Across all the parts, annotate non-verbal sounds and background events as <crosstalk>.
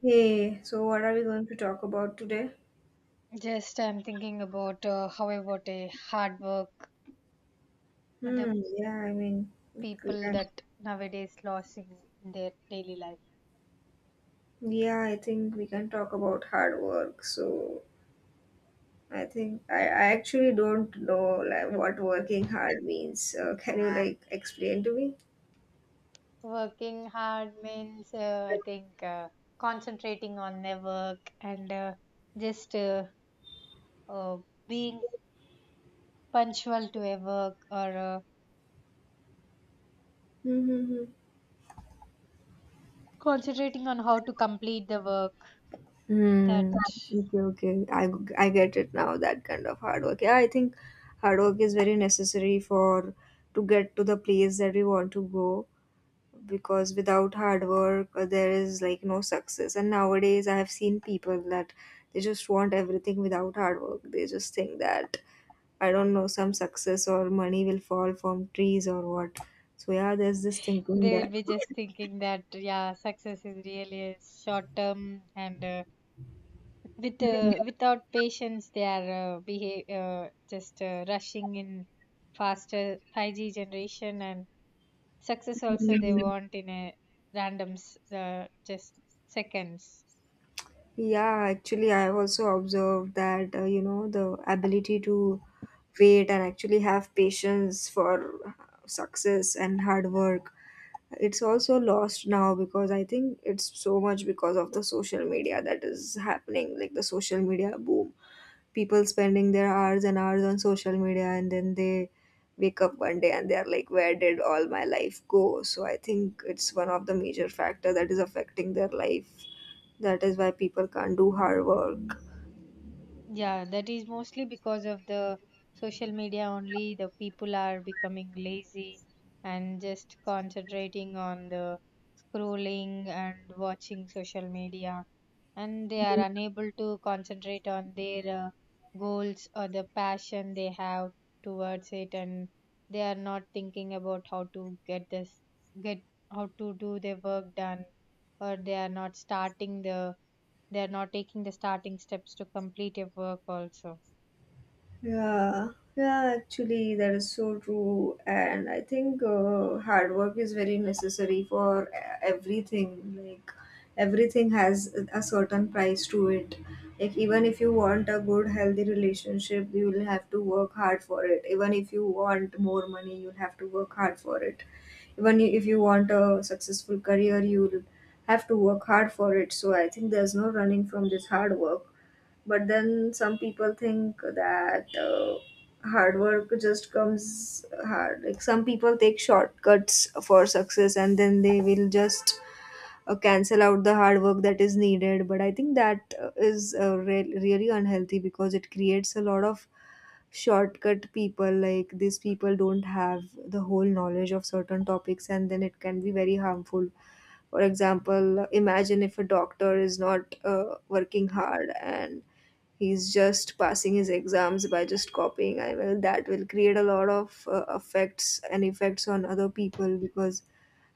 Hey, so what are we going to talk about today? Just I'm thinking about how about a hard work with the Hmm, yeah, I mean, we people can, that nowadays lost in their daily life. yeah, I think we can talk about hard work. So I think I actually don't know like what working hard means. Can you like explain to me? Working hard means I think concentrating on their work and just uh, being punctual to a work, or Mm-hmm. concentrating on how to complete the work, Hmm. that Okay, okay. I get it now, that kind of hard work. Yeah, I think hard work is very necessary for to get to the place that we want to go. Because without hard work, there is like no success, and nowadays I have seen people that they just want everything without hard work. They just think that I don't know, some success or money will fall from trees or what. So yeah, there's this thinking they will be that. just thinking that yeah, success is really a short term and with without patience they are behave, just rushing in faster 5G generation, and success <laughs> also they Mhm. want in a randoms, just seconds. Yeah, actually I have also observed that, you know, the ability to wait and actually have patience for success and hard work. It's also lost now because I think it's so much because of the social media that is happening, like the social media boom. People spending their hours and hours on social media, and then they wake up one day and they are like, where did all my life go? So I think it's one of the major factor that is affecting their life. That is why people can't do hard work. Yeah, that is mostly because of the social media only. The people are becoming lazy and just concentrating on the scrolling and watching social media, and they are unable to concentrate on their goals or the passion they have towards it, and they are not thinking about how to get get how to do their work done, or they are not starting the they are not taking the starting steps to complete a work also. Yeah, yeah, actually, that is so true. And I think hard work is very necessary for everything. Like, everything has a certain price to it. Like, even if you want a good, healthy relationship, you will have to work hard for it. Even if you want more money, you'll have to work hard for it. Even if you want a successful career, you'll have to work hard for it. So, I think there's no running from this hard work. But then some people think that, hard work just comes hard. Like, some people take shortcuts for success, and then they will just cancel out the hard work that is needed. But I think that, is really unhealthy because it creates a lot of shortcut people. Like, these people don't have the whole knowledge of certain topics, and then it can be very harmful. For example, imagine if a doctor is not working hard and he's just passing his exams by just copying. I will, that will create a lot of effects and effects on other people because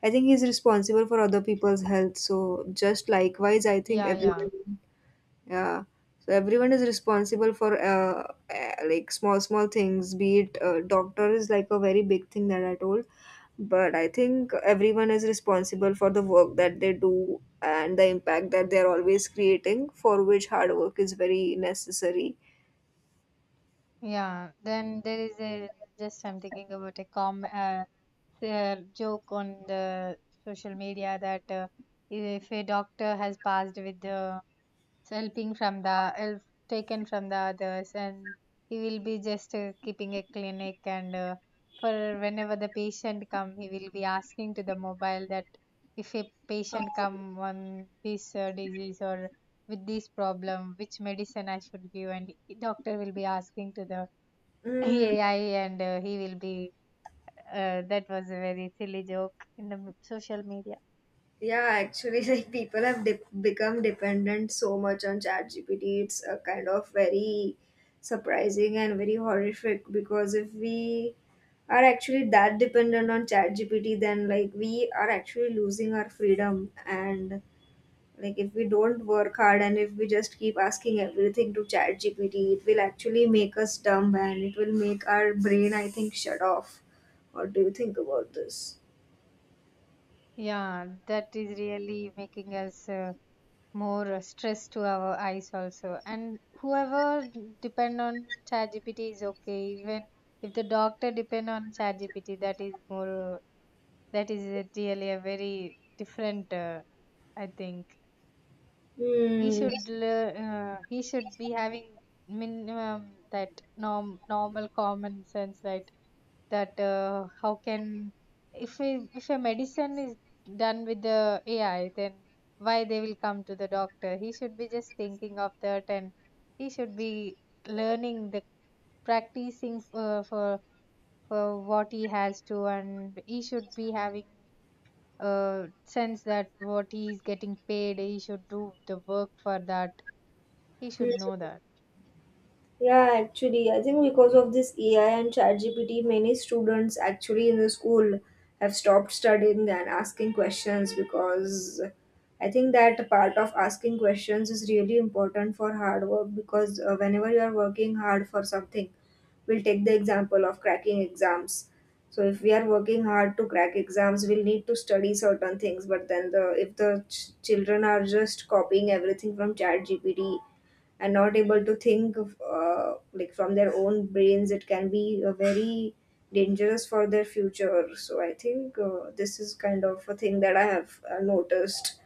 I think he's responsible for other people's health. So just likewise, I think Yeah, yeah, everyone, yeah, so everyone is responsible for like small things. Be it doctor is like a very big thing that I told, but I think everyone is responsible for the work that they do and the impact that they're always creating, for which hard work is very necessary. yeah. Then there is a, just I'm thinking about a com joke on the social media that if a doctor has passed with the help taken from the others, and he will be just keeping a clinic, and for whenever the patient come, he will be asking to the mobile that if a Um, patient come on this disease or with this problem, which medicine I should give, and doctor will be asking to the <laughs> mm, AI, and he will be, that was a very silly joke in the social media. yeah, actually, <laughs> like people have become dependent so much on ChatGPT. It's a kind of very surprising and very horrific because if we are actually that dependent on ChatGPT, then like we are actually losing our freedom. And like, if we don't work hard and if we just keep asking everything to ChatGPT, it will actually make us dumb, and it will make our brain, I think, shut off. What do you think about this? Yeah, that is really making us more stress to our eyes also, and whoever depend on ChatGPT is okay, even if the doctor depend on ChatGPT, that is more that is a really a very different, I think he Hmm. should he should be having minimum that normal common sense, that how can, if a medicine is done with the AI, then why they will come to the doctor? He should be just thinking of that, and he should be learning the practicing for what he has to, and he should be having sense that what he is getting paid, he should do the work for that. He Hmm. should know that. Yeah, actually, I think because of this AI and ChatGPT, many students actually in the school have stopped studying and asking questions because I think that part of asking questions is really important for hard work. Because, whenever you are working hard for something, we'll take the example of cracking exams. So if we are working hard to crack exams, we'll need to study certain things. But then, the if the children are just copying everything from ChatGPT and not able to think of, like from their own brains, it can be very dangerous for their future. So I think, this is kind of a thing that I have noticed,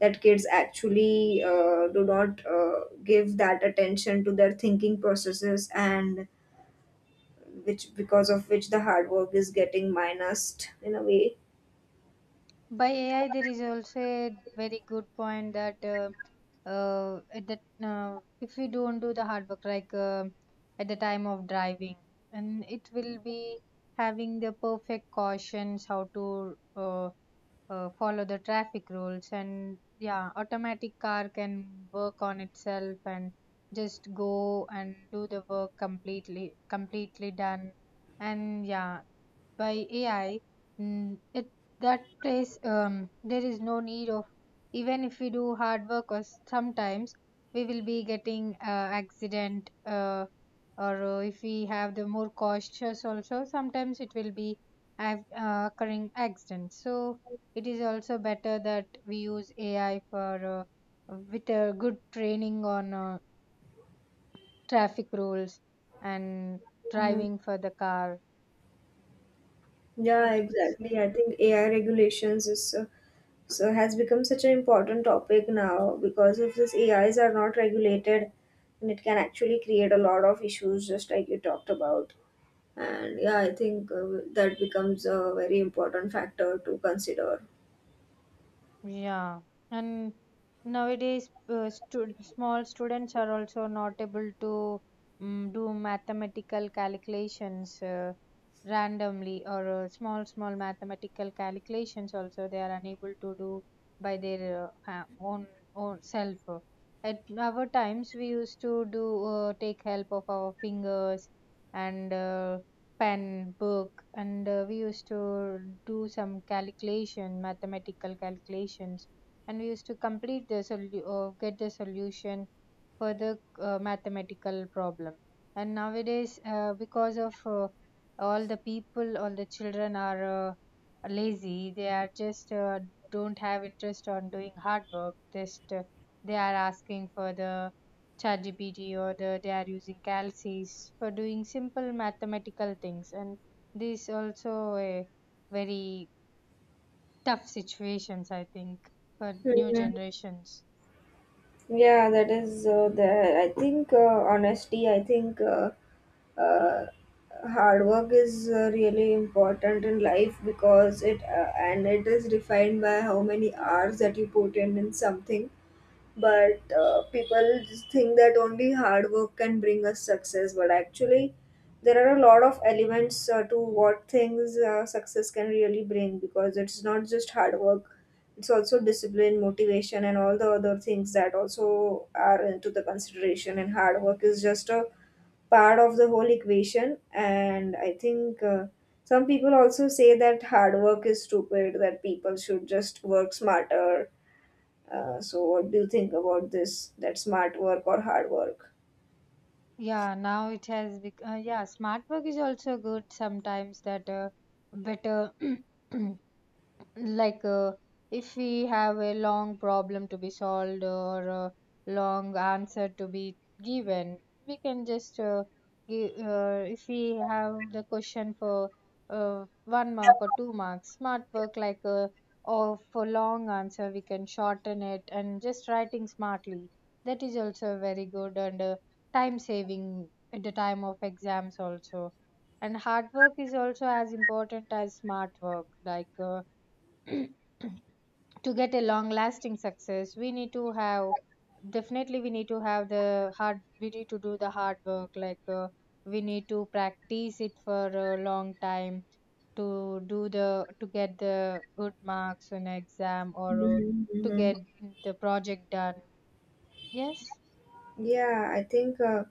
that kids actually do not give that attention to their thinking processes, and which because of which the hard work is getting minused in a way. By AI, there is also a very good point that at that, if we don't do the hard work, like at the time of driving, and it will be having the perfect cautions how to follow the traffic rules, and yeah, automatic car can work on itself and just go and do the work completely done, and yeah, by AI, mm, it that place there is no need of, even if we do hard work or sometimes we will be getting accident, or if we have the more cautious also sometimes it will be occurring accidents, so it is also better that we use AI for with a good training on traffic rules and Mhm. driving for the car. Yeah, What do you say? exactly. I think AI regulations is so, so has become such an important topic now, because if these AIs are not regulated, then it can actually create a lot of issues, just like you talked about. And yeah, I think that becomes a very important factor to consider. Yeah, and nowadays, stu small students are also not able to do mathematical calculations randomly, or small, small mathematical calculations also they are unable to do by their own self. At our times, we used to do, take help of our fingers and pen, book, and we used to do some calculation, mathematical calculations, and we used to complete the get the solution for the mathematical problem. And nowadays, because of all the people, all the children are uh, lazy. They are just, don't have interest on doing hard work. Just they are asking for the ChatGPT, or the, they are using calcs for doing simple mathematical things, and this also a very tough situations I think for new Mhm. generations. Yeah, that is, there. I think, honesty. I think. Uh, Hard work is really important in life, because it and it is defined by how many hours that you put in something. But people just think that only hard work can bring us success, but actually there are a lot of elements, to what things, success can really bring, because it's not just hard work. It's also discipline, motivation, and all the other things that also are into the consideration, and hard work is just a part of the whole equation. And I think, some people also say that hard work is stupid, that people should just work smarter. So what do you think about this, that smart work or hard work? Yeah, now it has yeah, smart work is also good sometimes that better. <clears throat> Like if we have a long problem to be solved or a long answer to be given, we can just give, if we have the question for one mark or two marks, smart work like or for long answer we can shorten it and just writing smartly, that is also very good and time saving at the time of exams also. And hard work is also as important as smart work, like <clears throat> to get a long lasting success, we need to have, definitely we need to have the hard we need to do the hard work, like we need to practice it for a long time, to do the, to get the good marks on exam or Mhm, to mhm. get the project done, yes. Yeah, I think uh,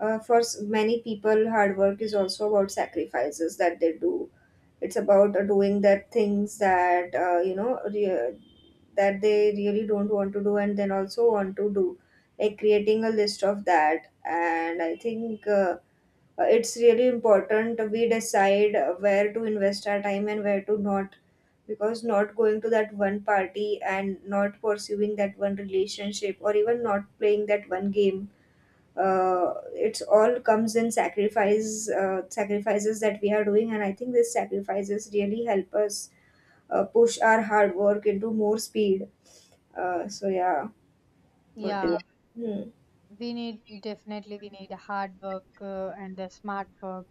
uh, for many people hard work is also about sacrifices that they do. It's about doing that things that, you know, that they really don't want to do and then also want to do, like creating a list of that. And I think it's really important we decide where to invest our time and where to not, because not going to that one party and not pursuing that one relationship or even not playing that one game, it's all comes in sacrifice, sacrifices that we are doing. And I think these sacrifices really help us push our hard work into more speed. So yeah, what do you, Yeah, yeah. Hmm. we need, definitely we need hard work and the smart work,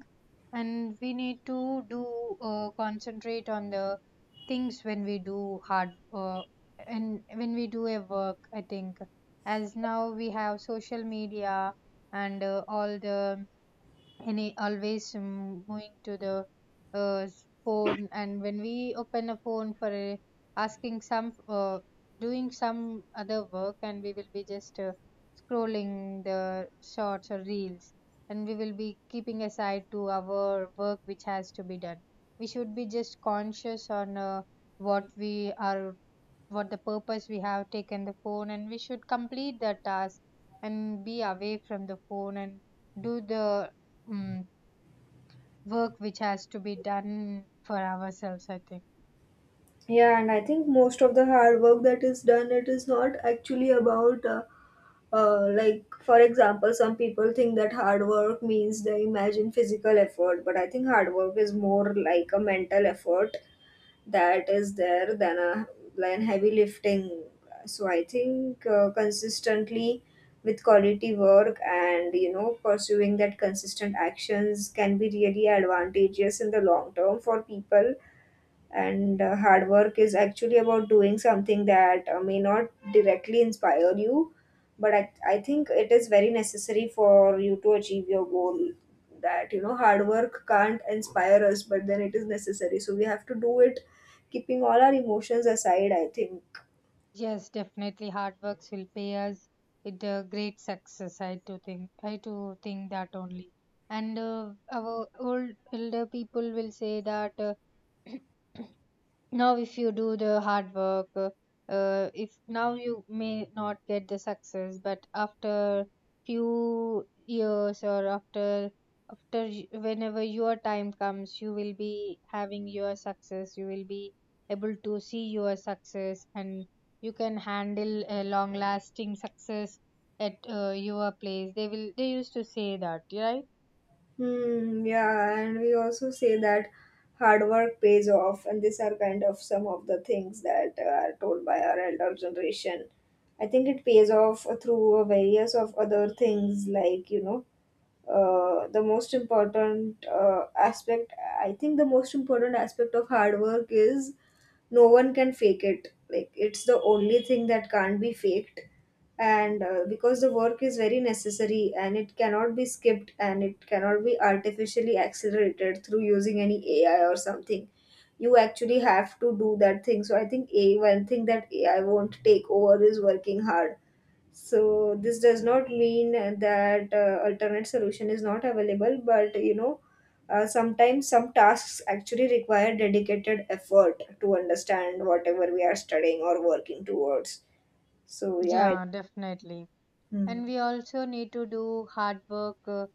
and we need to do concentrate on the things when we do hard and when we do a work, I think, as now we have social media and all the, any always going to the uh, phone, and when we open a phone for a, asking some doing some other work, and we will be just scrolling the shorts or reels, and we will be keeping aside to our work which has to be done. We should be just conscious on what we are, what the purpose we have taken the phone, and we should complete the task and be away from the phone, and do the um, work which has to be done for ourselves, I think. Yeah, and I think most of the hard work that is done, it is not actually about, like for example, some people think that hard work means they imagine physical effort, but I think hard work is more like a mental effort that is there than a than heavy lifting. So I think consistently with quality work, and you know, pursuing that consistent actions can be really advantageous in the long term for people. And hard work is actually about doing something that, may not directly inspire you, but I think it is very necessary for you to achieve your goal, that you know hard work can't inspire us, but then it is necessary, so we have to do it, keeping all our emotions aside, I think. Yes, definitely hard works will pay us with a great success. I do think that only. And our old elder people will say that <clears throat> now if you do the hard work, if now you may not get the success, but after few years or after, whenever your time comes you will be having your success, you will be able to see your success, and you can handle a long lasting success at your place, they will, they used to say that, right? Hmm, yeah, and we also say that hard work pays off, and these are kind of some of the things that are told by our elder generation. I think it pays off through various of other things, like you know, the most important aspect, I think the most important aspect of hard work is no one can fake it. Like, it's the only thing that can't be faked. And because the work is very necessary and it cannot be skipped and it cannot be artificially accelerated through using any AI or something. You actually have to do that thing. So I think a one thing that AI won't take over is working hard. So this does not mean that alternate solution is not available, but you know, sometimes some tasks actually require dedicated effort to understand whatever we are studying or working towards. So yeah, I- Yeah, definitely. Hmm. And we also need to do hard work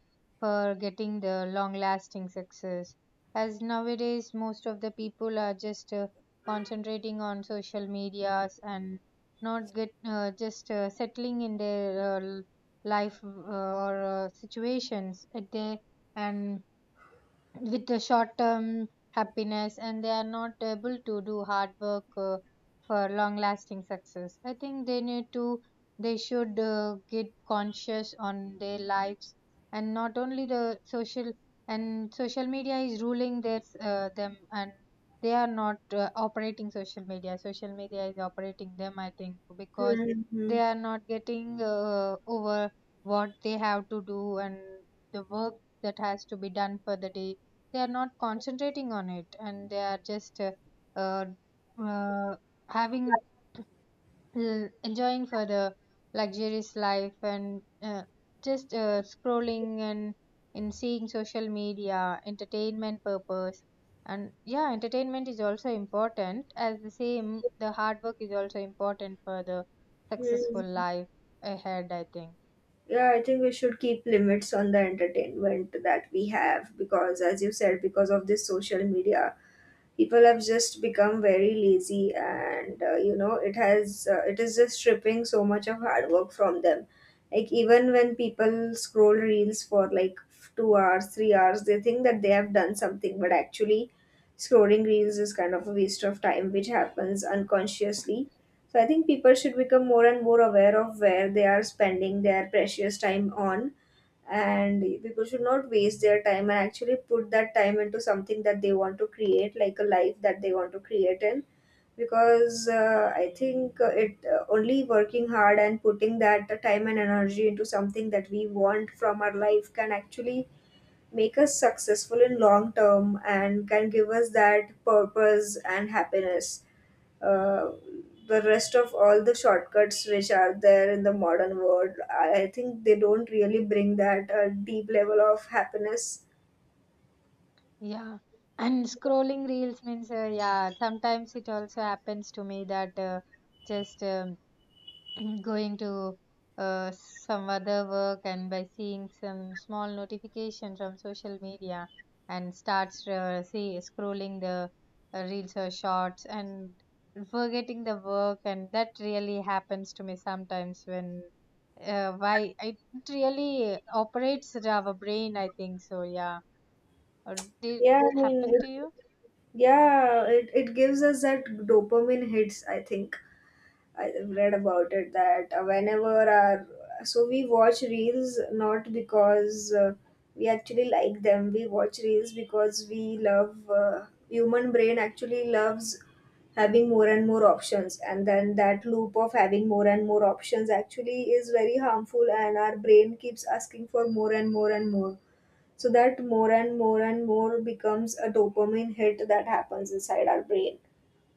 for getting the long lasting success. As nowadays, most of the people are just concentrating on social medias and not get just settling in their uh, life or situations at their, and with the short term happiness, and they are not able to do hard work for long lasting success. I think they need to, they should get conscious on their lives, and not only the social, and social media is ruling their them, and they are not operating social media, social media is operating them, I think, because Hmm, hmm, they are not getting over what they have to do, and the work that has to be done for the day, they are not concentrating on it, and they are just uh, uh, having enjoying for the luxurious life, and just scrolling and in seeing social media, entertainment purpose. And yeah, entertainment is also important, as the same the hard work is also important for the successful hmm. life ahead, I think. Yeah, I think we should keep limits on the entertainment that we have, because as you said, because of this social media, people have just become very lazy, and you know, it has, it is just stripping so much of hard work from them. Like, even when people scroll reels for like 2 hours 3 hours, they think that they have done something, but actually scrolling reels is kind of a waste of time which happens unconsciously. So I think people should become more and more aware of where they are spending their precious time on, and people should not waste their time and actually put that time into something that they want to create, like a life that they want to create in. Because I think it only working hard and putting that time and energy into something that we want from our life can actually make us successful in long term and can give us that purpose and happiness. uh, the rest of all the shortcuts which are there in the modern world, I think they don't really bring that deep level of happiness. Yeah, and scrolling reels means, yeah, sometimes it also happens to me that just <clears throat> going to some other work, and by seeing some small notification from social media and starts see scrolling the reels or shorts, and forgetting the work, and that really happens to me sometimes, when why it really operates our brain, I think so, yeah, or did Yeah, I mean happen to you? yeah it gives us that dopamine hits, I think. I read about it that, whenever our, so we watch reels not because, we actually like them. We watch reels because we love, human brain actually loves having more and more options, and then that loop of having more and more options actually is very harmful, and our brain keeps asking for more and more and more. So that more and more and more becomes a dopamine hit that happens inside our brain.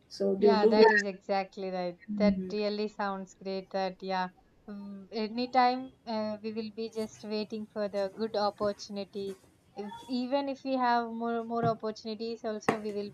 So due Yeah, to that which is exactly right. That really sounds great. That, yeah, anytime we will be just waiting for the good opportunity. If, even if we have more opportunities, also we will